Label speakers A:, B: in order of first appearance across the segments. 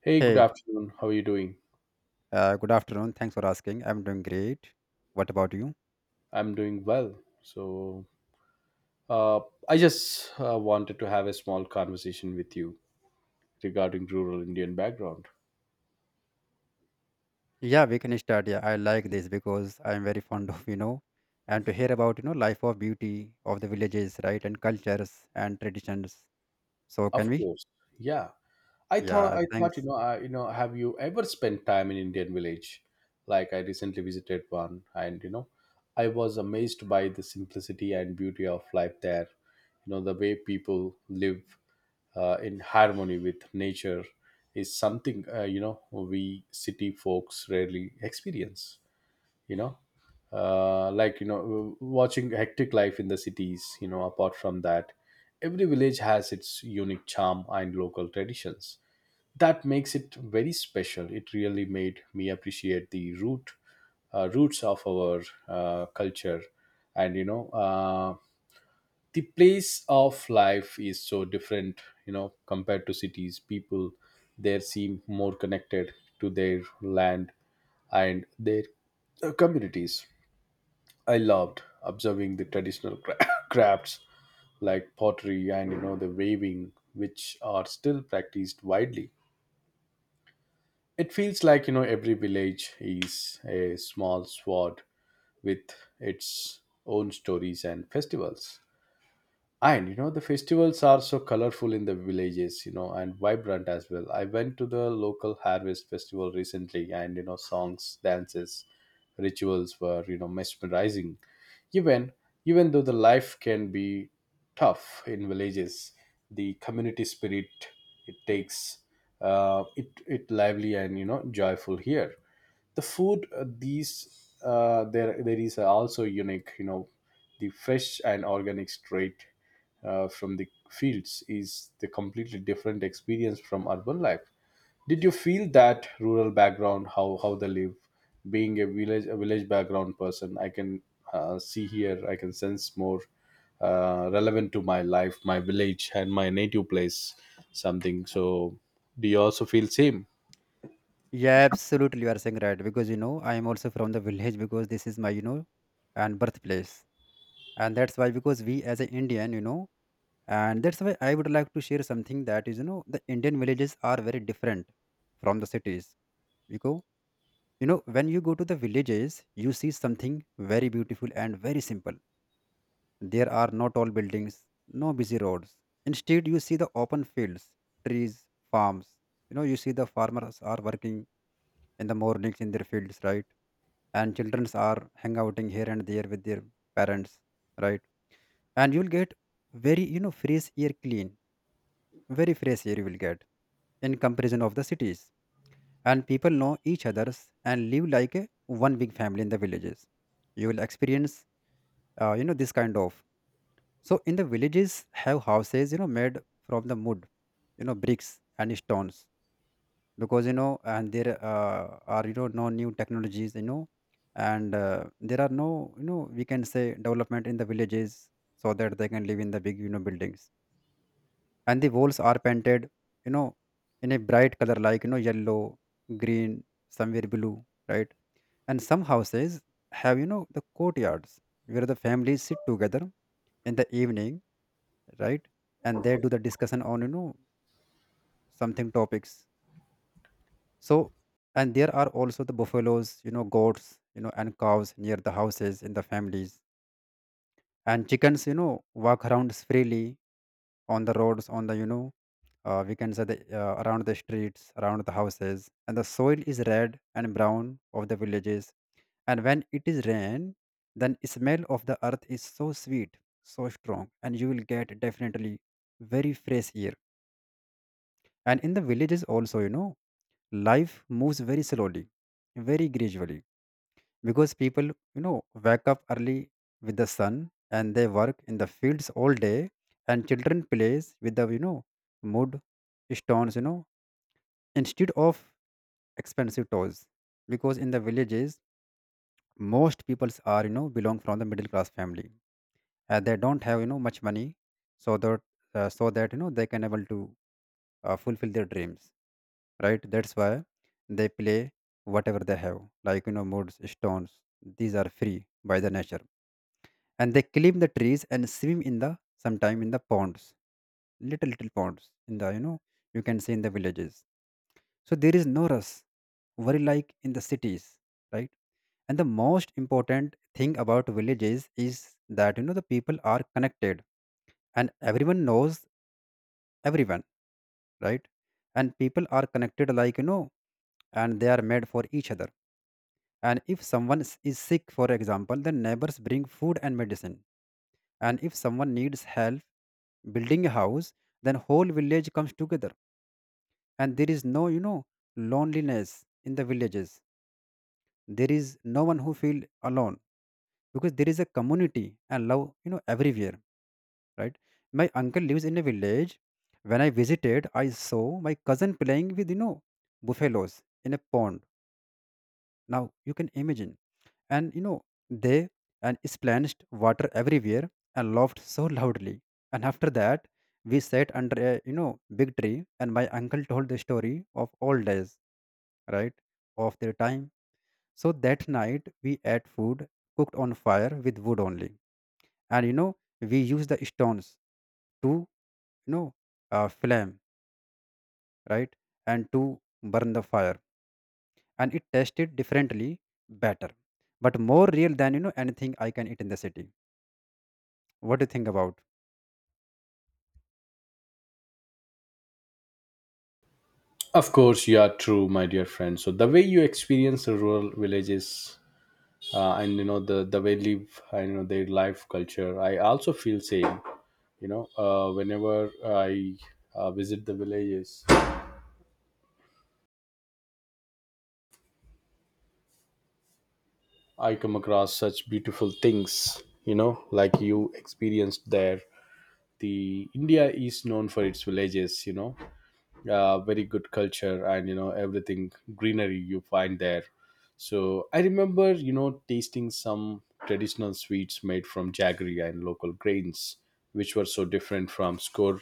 A: Hey, good
B: Hey,
A: afternoon. How are you doing?
B: good afternoon. Thanks for asking. I'm doing great. What about you?
A: I'm doing well. So, uh, I just wanted to have a small conversation with you regarding rural Indian background.
B: Yeah, we can start. Yeah, I like this because I'm very fond of, you know, and to hear about, you know, life of beauty of the villages, right, and cultures and traditions. So can
A: Of
B: we?
A: course, yeah. I thought
B: Yeah,
A: I thought you
B: thanks.
A: know I, you know have you ever spent time in Indian village? Like I recently visited one, and I was amazed by the simplicity and beauty of life there. You know the way people live in harmony with nature is something, you know, we city folks rarely experience. You know, watching hectic life in the cities. You know, apart from that, every village has its unique charm and local traditions that makes it very special. It really made me appreciate the roots of our culture, and the place of life is so different. You know, compared to cities, people there seem more connected to their land and their communities. I loved observing the traditional crafts like pottery and, you know, the weaving, which are still practiced widely. It feels like, you know, every village is a small sword with its own stories and festivals, and you know, the festivals are so colorful in the villages, you know, and vibrant as well. I went to the local harvest festival recently, and you know, songs, dances, rituals were, you know, mesmerizing. Even even though the life can be tough in villages, the community spirit, it takes, it lively and, you know, joyful here. The food, these there there is also unique, you know. The fresh and organic street, from the fields, is the completely different experience from urban life. Did you feel that rural background, how they live? Being a village background person, I can, see here, I can sense more relevant to my life, my village, and my native place, something so. Do you also feel same?
B: Yeah, absolutely. You are saying right because, you know, I am also from the village because this is my, you know, and birthplace. And that's why because we as an Indian, you know, and that's why I would like to share something that is, you know, the Indian villages are very different from the cities. You go, you know, when you go to the villages, you see something very beautiful and very simple. There are no tall buildings, no busy roads. Instead you see the open fields, trees, farms. You know, you see the farmers are working in the mornings in their fields, right? And children are hang outing here and there with their parents, right? And you'll get very, you know, fresh air, clean, very fresh air you will get in comparison of the cities. And people know each other's and live like a one big family in the villages. You will experience, you know, this kind of. So in the villages have houses, you know, made from the wood, you know, bricks and stones. Because, you know, and there are, you know, no new technologies, you know. And there are no, you know, we can say development in the villages, so that they can live in the big, you know, buildings. And the walls are painted, you know, in a bright color like, you know, yellow, green, somewhere blue, right? And some houses have, you know, the courtyards where the families sit together in the evening, right? And they do the discussion on, you know, something topics. So, and there are also the buffaloes, you know, goats, you know, and cows near the houses in the families. And chickens, you know, walk around freely on the roads, on the, you know, we can say the, around the streets, around the houses. And the soil is red and brown of the villages, and when it is rain, then smell of the earth is so sweet, so strong, and you will get definitely very fresh air. And in the villages also, you know, life moves very slowly, very gradually, because people, you know, wake up early with the sun, and they work in the fields all day. And children plays with the, you know, mud, stones, you know, instead of expensive toys, because in the villages most peoples are, you know, belong from the middle class family. They don't have, you know, much money, so that so that, you know, they can able to fulfill their dreams, right? That's why they play whatever they have, like, you know, moods stones. These are free by the nature. And they climb the trees and swim in the sometime in the ponds, little little ponds in the, you know, you can see in the villages. So there is no rush very like in the cities, right? And the most important thing about villages is that, you know, the people are connected and everyone knows everyone, right? And people are connected like, you know, and they are made for each other. And if someone is sick for example, then neighbors bring food and medicine. And if someone needs help building a house, then whole village comes together. And there is no, you know, loneliness in the villages. There is no one who feel alone, because there is a community and love, you know, everywhere, right? My uncle lives in a village. When I visited, I saw my cousin playing with, you know, buffaloes in a pond. Now you can imagine. And, you know, they and splashed water everywhere and laughed so loudly. And after that we sat under a, you know, big tree, and my uncle told the story of old days, right, of their time. So that night we ate food cooked on fire with wood only. And, you know, we used the stones to. No, flame, right, and to burn the fire. And it tasted differently, better, but more real than, you know, anything I can eat in the city. What do you think about?
A: Of course, you are true, my dear friend. So the way you experience the rural villages, and you know, the way live and you know their life, culture, I also feel same. You know, whenever I visit the villages, I come across such beautiful things, you know, like you experienced there. The India is known for its villages, you know, very good culture, and you know, everything, greenery, you find there. So I remember, you know, tasting some traditional sweets made from jaggery and local grains, which were so different from score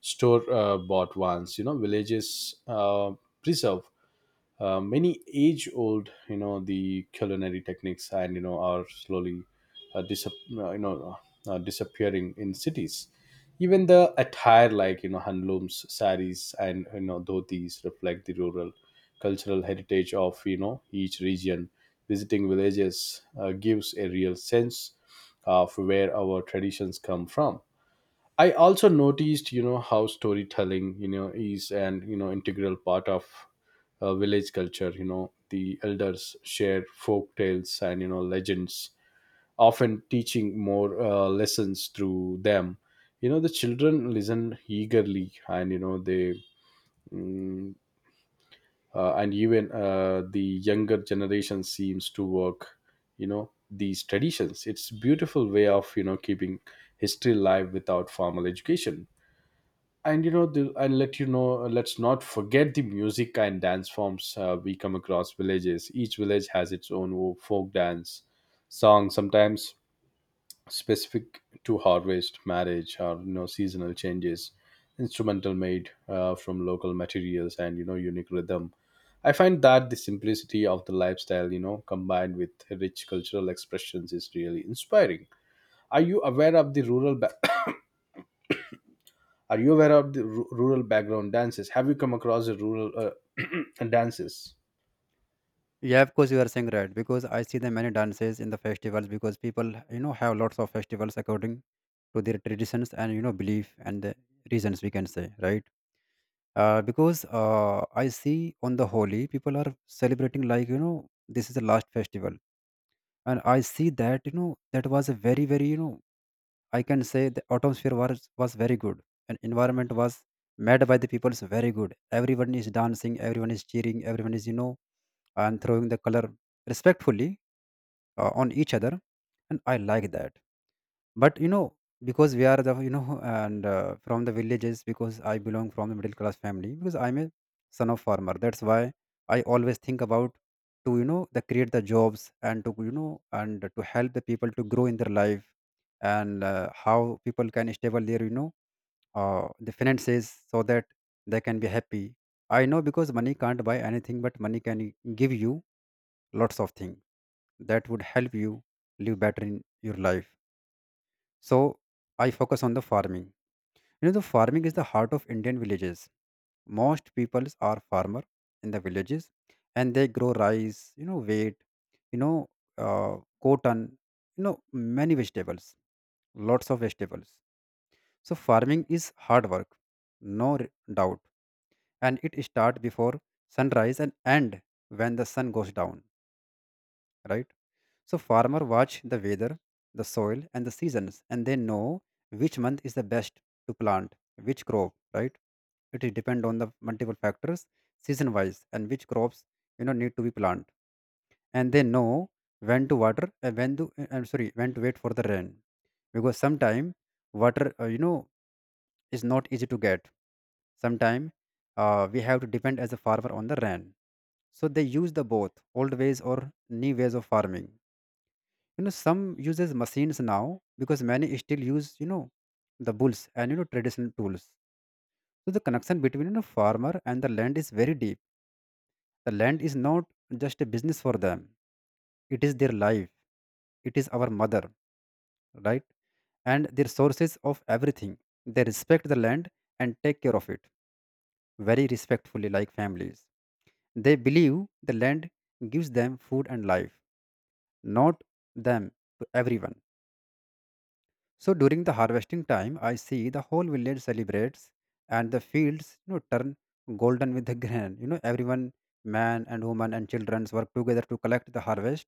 A: store bought ones. You know, villages preserve many age old, you know, the culinary techniques, and you know are slowly uh, disap- uh, you know disappearing in cities. Even the attire, like you know, handlooms, saris, and you know, dhotis reflect the rural cultural heritage of, you know, each region. Visiting villages gives a real sense of where our traditions come from. I also noticed, you know, how storytelling, you know, is an, you know, integral part of village culture. You know, the elders share folk tales and, you know, legends, often teaching more lessons through them. You know, the children listen eagerly, and you know they, mm, and even the younger generation seems to work. You know these traditions. It's beautiful way of, you know, keeping history alive without formal education. And let, you know, let's not forget the music and dance forms, we come across villages. Each village has its own folk dance, song, sometimes specific to harvest, marriage, or you know, seasonal changes, instrumental made, from local materials, and you know, unique rhythm. I find that the simplicity of the lifestyle, you know, combined with rich cultural expressions, is really inspiring. are you aware of the rural ba- Are you aware of the rural background dances? Have you come across the rural dances?
B: Yeah, of course, you are saying right because I see the many dances in the festivals because people, you know, have lots of festivals according to their traditions and, you know, belief and the reasons, we can say, right. Because I see on the holy people are celebrating like, you know, this is the last festival. And I see that, you know, that was a very very, you know, I can say the atmosphere was very good, and environment was made by the people's very good. Everyone is dancing, everyone is cheering, everyone is, you know, and throwing the color respectfully on each other. And I like that, but, you know, because we are the, you know, and from the villages because I belong from the middle class family because I'm a son of farmer. That's why I always think about to, you know, the create the jobs and to, you know, and to help the people to grow in their life. And how people can stable their, you know, the finances so that they can be happy. I know because money can't buy anything, but money can give you lots of things that would help you live better in your life. So I focus on the farming. You know, the farming is the heart of Indian villages. Most peoples are farmer in the villages, and they grow rice, you know, wheat, you know, cotton, you know, many vegetables, lots of vegetables. So farming is hard work, no doubt, and it start before sunrise and end when the sun goes down, right? So farmer watch the weather, the soil, and the seasons, and they know which month is the best to plant which crop, right? It is depend on the multiple factors, season wise, and which crops, you know, need to be planted. And they know when to water and when to I'm sorry, when to wait for the rain, because sometime water, you know, is not easy to get. Sometime, we have to depend as a farmer on the rain. So they use the both old ways or new ways of farming, you know, some uses machines now, because many still use, you know, the bulls and, you know, traditional tools. So the connection between, you know, farmer and the land is very deep. The land is not just a business for them, it is their life, it is our mother, right, and their sources of everything. They respect the land and take care of it very respectfully like families. They believe the land gives them food and life, not them to everyone. So during the harvesting time, I see the whole village celebrates, and the fields, you know, turn golden with the grain. You know, everyone, man and woman and children work together to collect the harvest.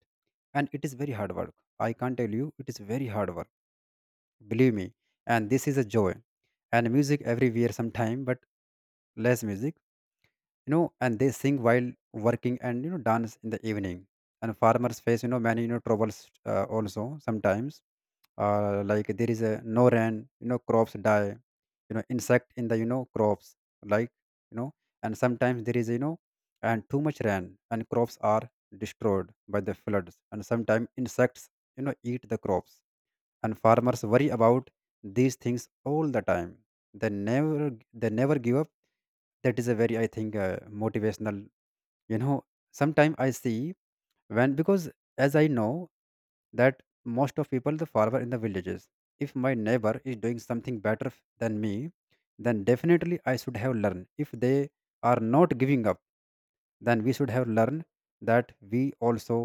B: And it is very hard work. I can't tell you, it is very hard work. Believe me. And this is a joy. And music everywhere sometime, but less music, you know, and they sing while working and, you know, dance in the evening. And farmers face, you know, many, you know, troubles also sometimes, like there is a no rain, you know, crops die, you know, insect in the, you know, crops, like, you know, and sometimes there is, you know, and too much rain and crops are destroyed by the floods, and sometimes insects, you know, eat the crops. And farmers worry about these things all the time. They never they never give up. That is a very, I think, motivational, you know. Sometimes I see when because, as I know, that most of people the farmer in the villages, if my neighbor is doing something better than me, then definitely I should have learned. If they are not giving up, then we should have learned that we also,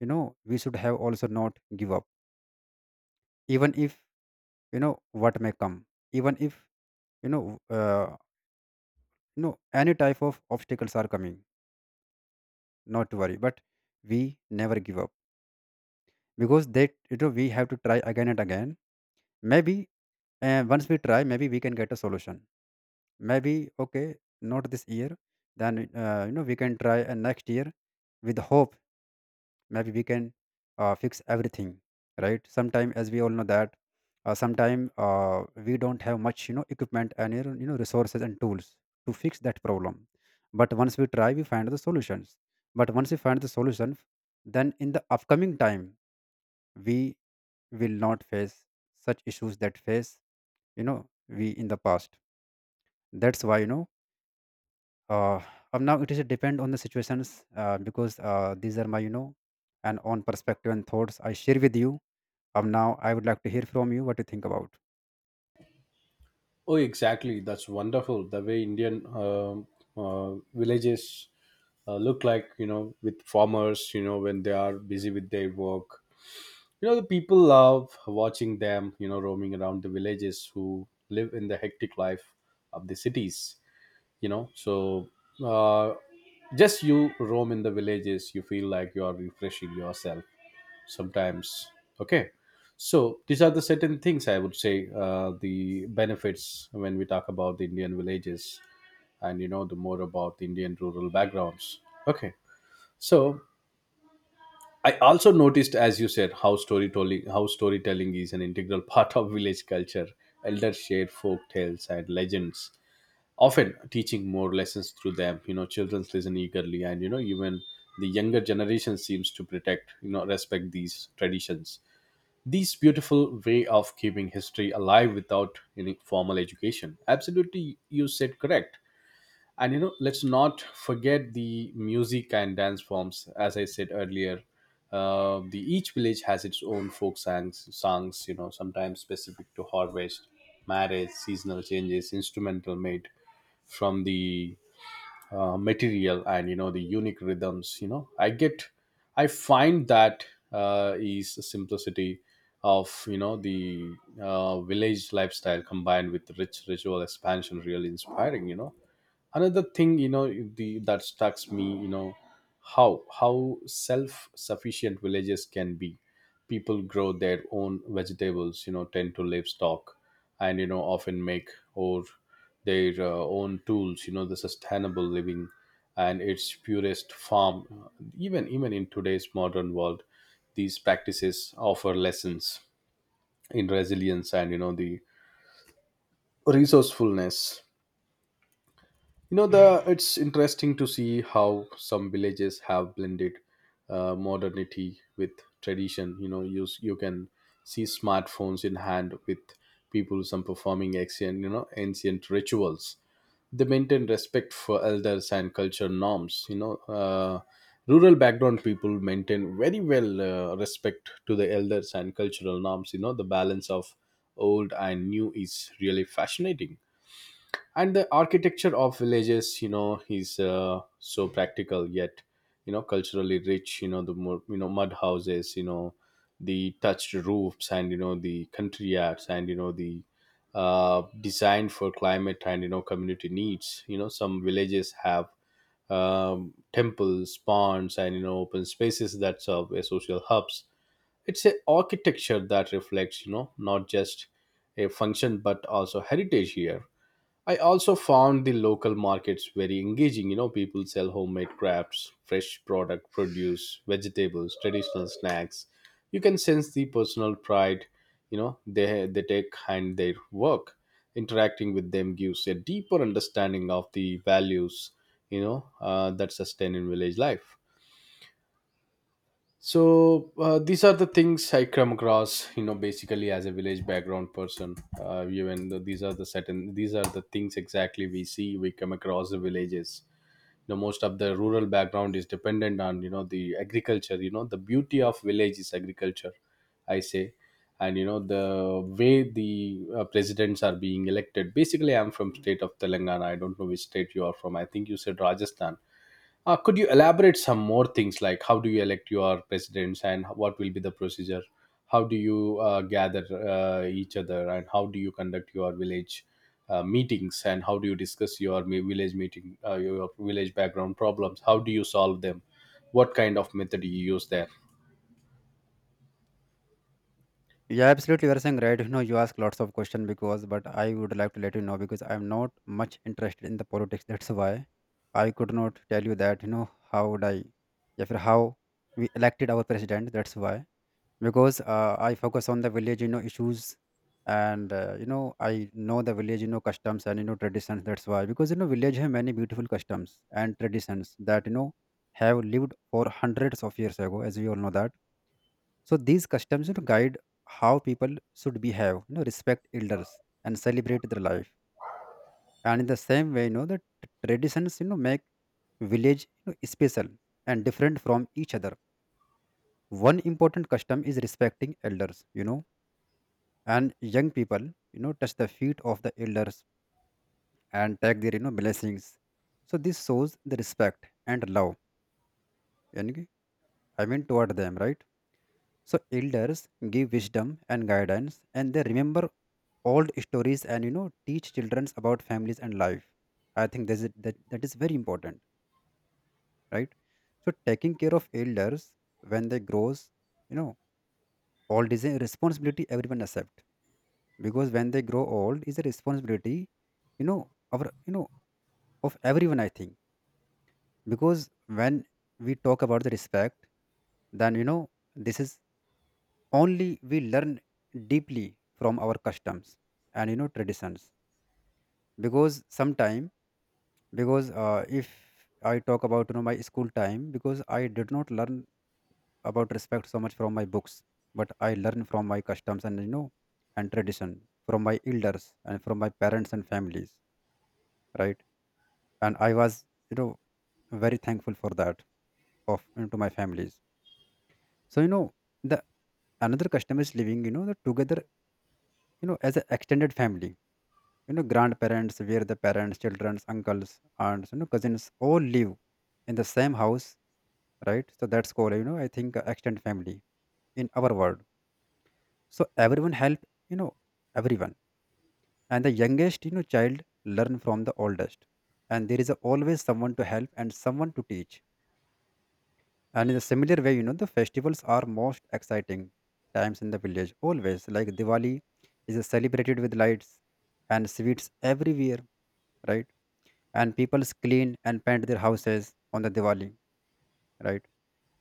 B: you know, we should have also not give up. Even if, you know, what may come, even if, you know, uh, you know, any type of obstacles are coming, not to worry, but we never give up. Because that, you know, we have to try again and again. Maybe, once we try maybe we can get a solution. Maybe okay, not this year, then you know, we can try next year with hope. Maybe we can fix everything, right? Sometime as we all know that, sometime, we don't have much, you know, equipment and, you know, you know, resources and tools to fix that problem. But once we try, we find the solutions. But once we find the solution, then in the upcoming time we will not face such issues that face, you know we, in the past. That's why uh, now it is depend on the situations, because these are my, and on perspective and thoughts I share with you. Now I would like to hear from you what you think about.
A: Oh, exactly. That's wonderful. The way Indian villages look like, you know, with farmers, you know, when they are busy with their work. You know, the people love watching them, you know, roaming around the villages who live in the hectic life of the cities, you know. So, uh, just you roam in the villages, you feel like you are refreshing yourself sometimes. Okay, so these are the certain things I would say, the benefits when we talk about the Indian villages, and you know the more about the Indian rural backgrounds. Okay, so I also noticed, as you said, how storytelling is an integral part of village culture. Elders share folk tales and legends, often teaching more lessons through them. You know, children listen eagerly, and you know, even the younger generation seems to protect, you know, respect these traditions. This beautiful way of keeping history alive without any formal education, absolutely, you said correct. And you know, let's not forget the music and dance forms, as I said earlier. The each village has its own folk songs, you know, sometimes specific to harvest, marriage, seasonal changes, instrumental made from the material, and you know, the unique rhythms. You know, I find that is the simplicity of, you know, the village lifestyle combined with rich ritual expansion, really inspiring. You know, another thing, you know, the that strikes me, you know, how self sufficient villages can be. People grow their own vegetables, you know, tend to livestock, and you know, often make or their own tools. You know, the sustainable living and its purest form, even in today's modern world, these practices offer lessons in resilience and, you know, the resourcefulness. You know, the it's interesting to see how some villages have blended modernity with tradition. You know, you you can see smartphones in hand with people, some performing ancient you know ancient rituals. They maintain respect for elders and culture norms. You know, rural background people maintain very well, respect to the elders and cultural norms. You know, the balance of old and new is really fascinating. And the architecture of villages, you know, is, so practical yet, you know, culturally rich. You know, the more, you know, mud houses, you know, the touched roofs, and you know, the country yards, and you know, the designed for climate and, you know, community needs. You know, some villages have, temples, ponds, and you know, open spaces that serve as social hubs. It's a architecture that reflects, you know, not just a function but also heritage here. I also found the local markets very engaging. You know, people sell homemade crafts, fresh product, produce, vegetables, traditional snacks. You can sense the personal pride, you know, they take and their work. Interacting with them gives a deeper understanding of the values, you know, that sustain in village life. So, these are the things I come across, you know, basically as a village background person. Even though these are the things exactly we see. We come across the villages. You know, most of the rural background is dependent on, you know, the agriculture. You know, the beauty of village is agriculture, I say. And you know the way the, presidents are being elected. Basically, I'm from state of Telangana. I don't know which state you are from. I think you said Rajasthan. Could you elaborate some more things, like how do you elect your presidents and what will be the procedure? How do you gather each other, and how do you conduct your village meetings, and how do you discuss your village meeting, your village background problems? How do you solve them? What kind of method you use there?
B: Yeah, absolutely. You are saying right. You know, you ask lots of questions because, but I would like to let you know because I'm not much interested in the politics. That's why I could not tell you that. You know, how would I, yeah, for how we elected our president. That's why because I focus on the village, you know, issues, and you know, I know the village, you know, customs and you know traditions. That's why because you know, village have many beautiful customs and traditions that you know have lived for hundreds of years ago, as we all know that. So these customs, you know, guide how people should behave, you know, respect elders and celebrate their life. And in the same way, you know, the traditions, you know, make village, you know, special and different from each other. One important custom is respecting elders, you know, and young people, you know, touch the feet of the elders and take their, you know, blessings. So this shows the respect and love, yani ki- I mean, toward them, right? So elders give wisdom and guidance, and they remember old stories and you know teach children about families and life. I think this is, that is very important, right? So taking care of elders when they grows, you know, old is a responsibility everyone accept, because when they grow old is a responsibility, you know, our you know of everyone. I think, because when we talk about the respect, then you know, this is only we learn deeply from our customs and you know traditions, because sometime, because if I talk about you know my school time, because I did not learn about respect so much from my books, but I learned from my customs and you know and tradition, from my elders and from my parents and families, right. And I was, you know, very thankful for that, of into my families. So you know, the another custom is living, you know, the together, you know, as an extended family, you know, grandparents where the parents, childrens, uncles, aunts, you know, cousins, all live in the same house, right. So that's called, you know, I think, extended family in our world. So everyone help, you know, everyone, and the youngest, you know, child learn from the oldest, and there is always someone to help and someone to teach. And in a similar way, you know, the festivals are most exciting times in the village, always like Diwali is celebrated with lights and sweets everywhere, right. And people clean and paint their houses on the Diwali, right?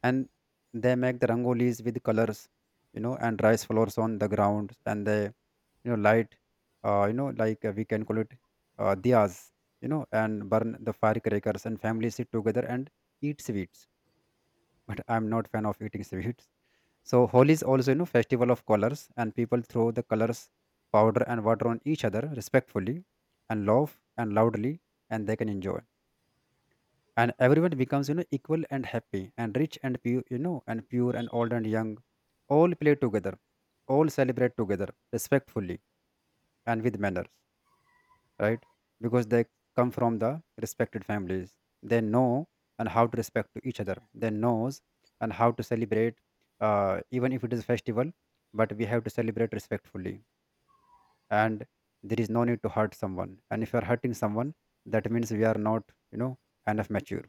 B: And they make the rangolis with colors, you know, and rice floors on the ground, and they, you know, light, you know, like we can call it diyas, you know, and burn the firecrackers, and families sit together and eat sweets. But I'm not fan of eating sweets. So Holi is also, you know, festival of colors, and people throw the colors, powder, and water on each other respectfully, and laugh and loudly, and they can enjoy, and everyone becomes you know equal and happy and rich and pure, you know, and pure and old and young, all play together, all celebrate together, respectfully and with manners, right. Because they come from the respected families, they know, and how to respect to each other they knows, and how to celebrate, even if it is festival, but we have to celebrate respectfully. And there is no need to hurt someone, and if you are hurting someone, that means we are not, you know, enough mature.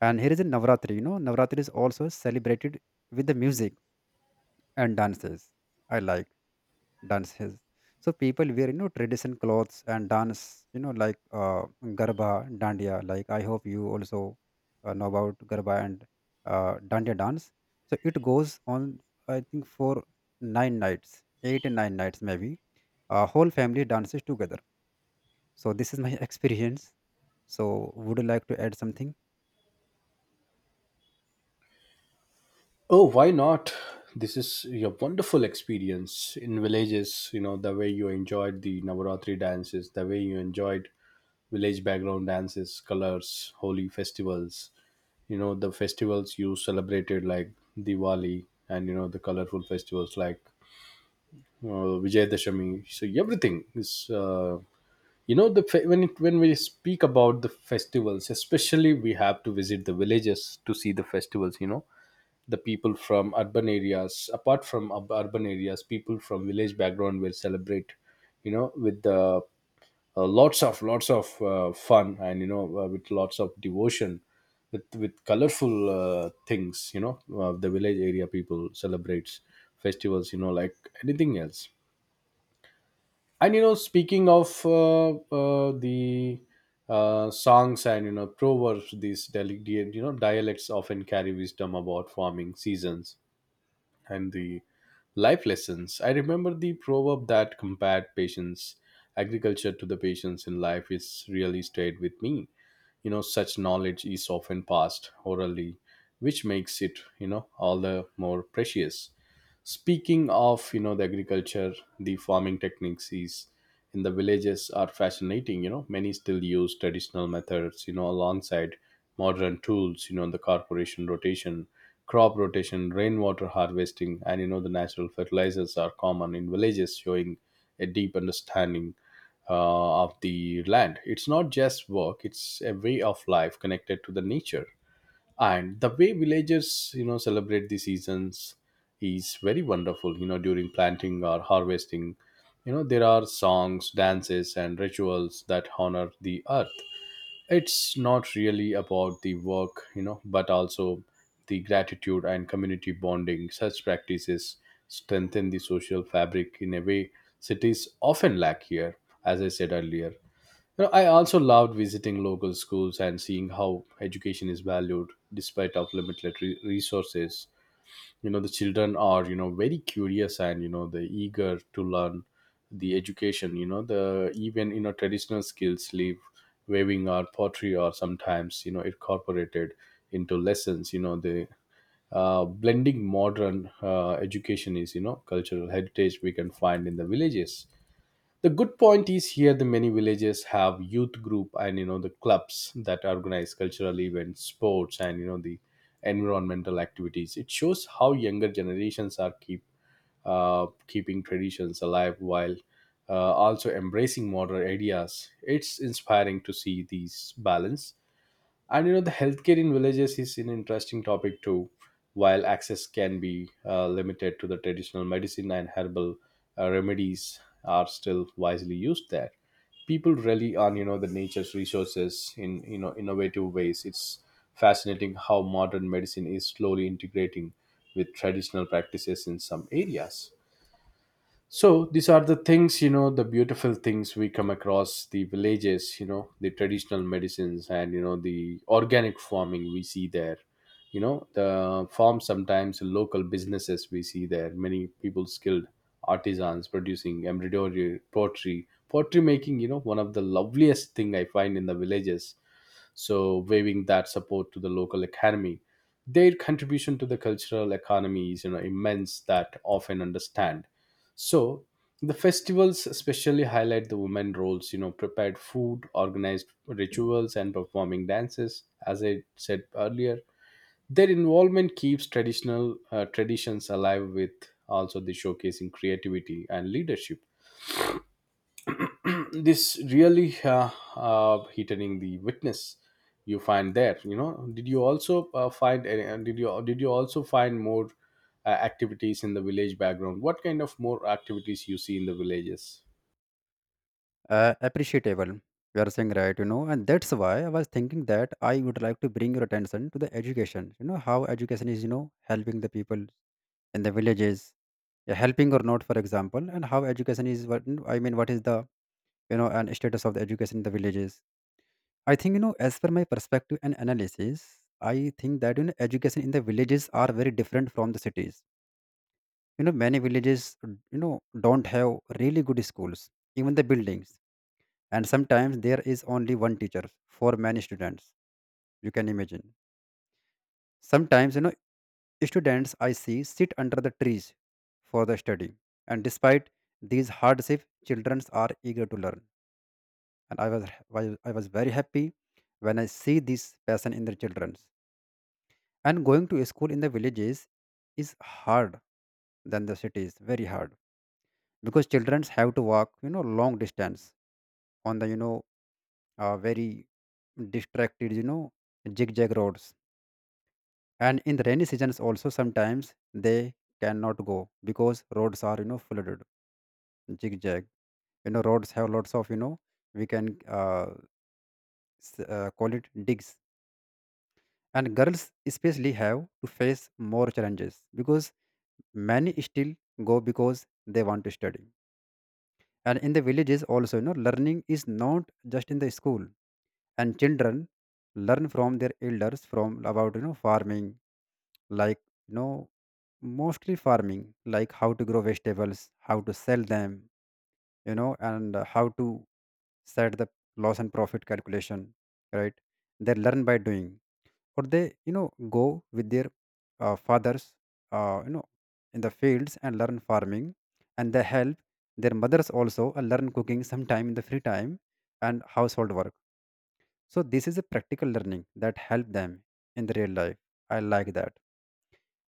B: And here is a Navratri. You know, Navratri is also celebrated with the music and dances. I like dances. So people wear you know tradition clothes and dance. You know, like garba, dandiya. Like I hope you also know about garba and dandiya dance. So it goes on. I think for nine nights, eight and nine nights maybe. Whole family dances together. So this is my experience. So would you like to add something?
A: Oh, why not? This is a wonderful experience in villages, you know, the way you enjoyed the Navaratri dances, the way you enjoyed village background dances, colors, holy festivals, you know, the festivals you celebrated like Diwali, and, you know, the colorful festivals like, Vijayadashami. So everything is, you know, the when when we speak about the festivals, especially we have to visit the villages to see the festivals. You know, the people from urban areas, apart from urban areas, people from village background will celebrate, you know, with, lots of lots of fun, and you know, with lots of devotion, with colorful things, you know. The village area people celebrates festivals, you know, like anything else. And you know, speaking of, the songs and, you know, proverbs, these delicate, you know, dialects often carry wisdom about farming seasons and the life lessons. I remember the proverb that compared patience, agriculture to the patience in life, is really stayed with me. You know, such knowledge is often passed orally, which makes it, all the more precious. Speaking of, the agriculture, the farming techniques is in the villages are fascinating. You know, many still use traditional methods, alongside modern tools, crop rotation, rainwater harvesting, and, the natural fertilizers are common in villages, showing a deep understanding of the land. It's not just work, it's a way of life connected to the nature, and the way villagers celebrate the seasons is very wonderful. During planting or harvesting, there are songs, dances and rituals that honor the earth. It's not really about the work, you know but also the gratitude and community bonding. Such practices strengthen the social fabric in a way cities often lack here. As I said earlier, I also loved visiting local schools and seeing how education is valued despite of limited resources. You know, the children are, very curious and, they're eager to learn the education. You know, the even, traditional skills leave weaving or pottery or sometimes, incorporated into lessons. You know, the blending modern education is, cultural heritage we can find in the villages. The good point is here: the many villages have youth group and the clubs that organize cultural events, sports and the environmental activities. It shows how younger generations are keeping traditions alive while also embracing modern ideas. It's inspiring to see these balance. And the healthcare in villages is an interesting topic too. While access can be limited, to the traditional medicine and herbal remedies are still wisely used there. People rely on the nature's resources in innovative ways. It's fascinating how modern medicine is slowly integrating with traditional practices in some areas. So these are the things, the beautiful things we come across the villages, the traditional medicines and the organic farming we see there. You know the farms, sometimes local businesses we see there, many people skilled artisans producing embroidery, pottery making, one of the loveliest thing I find in the villages. So waiving that support to the local economy, their contribution to the cultural economy is immense that often understand. So the festivals especially highlight the women roles, prepared food, organized rituals and performing dances. As I said earlier, their involvement keeps traditional traditions alive with also the showcasing creativity and leadership. This really heightening the witness you find there. You know, did you also find more activities in the village background? What kind of more activities you see in the villages?
B: Appreciable. You are saying right, you know, and that's why I was thinking that I would like to bring your attention to the education. You know how education is, you know, helping the people in the villages, yeah, helping or not, for example, and how education is. What I mean, what is the, you know, and status of the education in the villages? I think you know, as per my perspective and analysis, I think that you know, education in the villages are very different from the cities. You know, many villages, you know, don't have really good schools, even the buildings, and sometimes there is only one teacher for many students, you can imagine. Sometimes, you know, students I see sit under the trees for the study, and despite these hardships, children are eager to learn. And I was very happy when I see this passion in the children. And going to school in the villages is hard than the cities, very hard, because children have to walk, you know, long distance, on the you know very distracted, you know, zigzag roads. And in the rainy seasons also, sometimes they cannot go because roads are, you know, flooded. Zigzag, you know, roads have lots of, you know, we can call it digs. And girls especially have to face more challenges, because many still go because they want to study. And in the villages also, you know, learning is not just in the school, and children learn from their elders, from about you know farming, like, you know, mostly farming, like how to grow vegetables, how to sell them, you know, and how to set the loss and profit calculation, right. They learn by doing, or they, you know, go with their fathers, you know, in the fields and learn farming. And they help their mothers also, learn cooking sometime in the free time, and household work. So this is a practical learning that help them in the real life. I like that.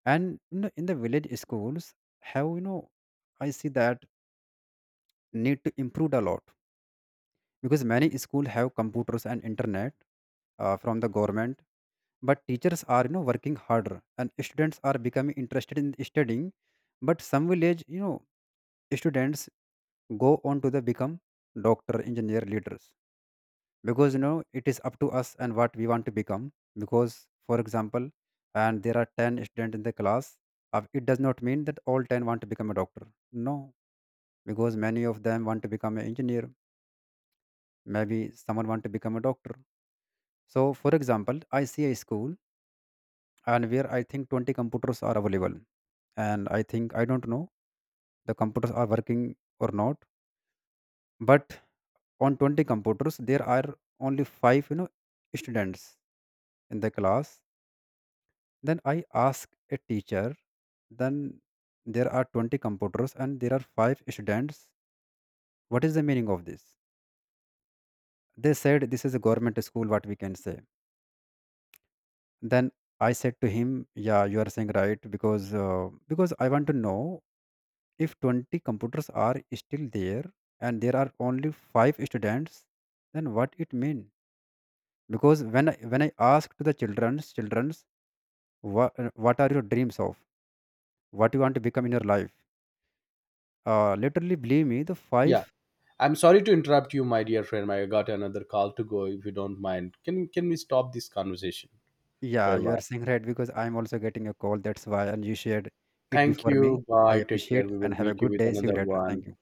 B: And you know, in the village schools have you know, I see that need to improve a lot, because many schools have computers and internet, from the government. But teachers are, you know, working harder, and students are becoming interested in studying. But some village, you know, students go on to the become doctor, engineer, leaders, because you know it is up to us and what we want to become. Because for example, and there are 10 students in the class, it does not mean that all 10 want to become a doctor, no, because many of them want to become an engineer, maybe someone want to become a doctor. So for example, I see a school and where I think 20 computers are available, and I think I don't know the computers are working or not. But on 20 computers there are only 5, you know, students in the class. Then I ask a teacher, then there are 20 computers and there are 5 students, what is the meaning of this? They said this is a government school, what we can say. Then I said to him, "Yeah, you are saying right because I want to know if 20 computers are still there and there are only 5 students, then what it mean? Because when I ask to the childrens, what are your dreams of? What you want to become in your life? Literally, believe me, the
A: Yeah,
B: five.
A: I'm sorry to interrupt you, my dear friend. I got another call to go. If you don't mind, can we stop this conversation for
B: Yeah,
A: a
B: you are
A: while?
B: saying right because I'm also getting a call. That's why, and you shared it
A: Thank
B: before me.
A: you.
B: I
A: Bye, take care.
B: appreciate
A: We
B: and
A: will
B: have a
A: meet you
B: good
A: with
B: day. See you
A: another
B: later. Thank
A: one.
B: you.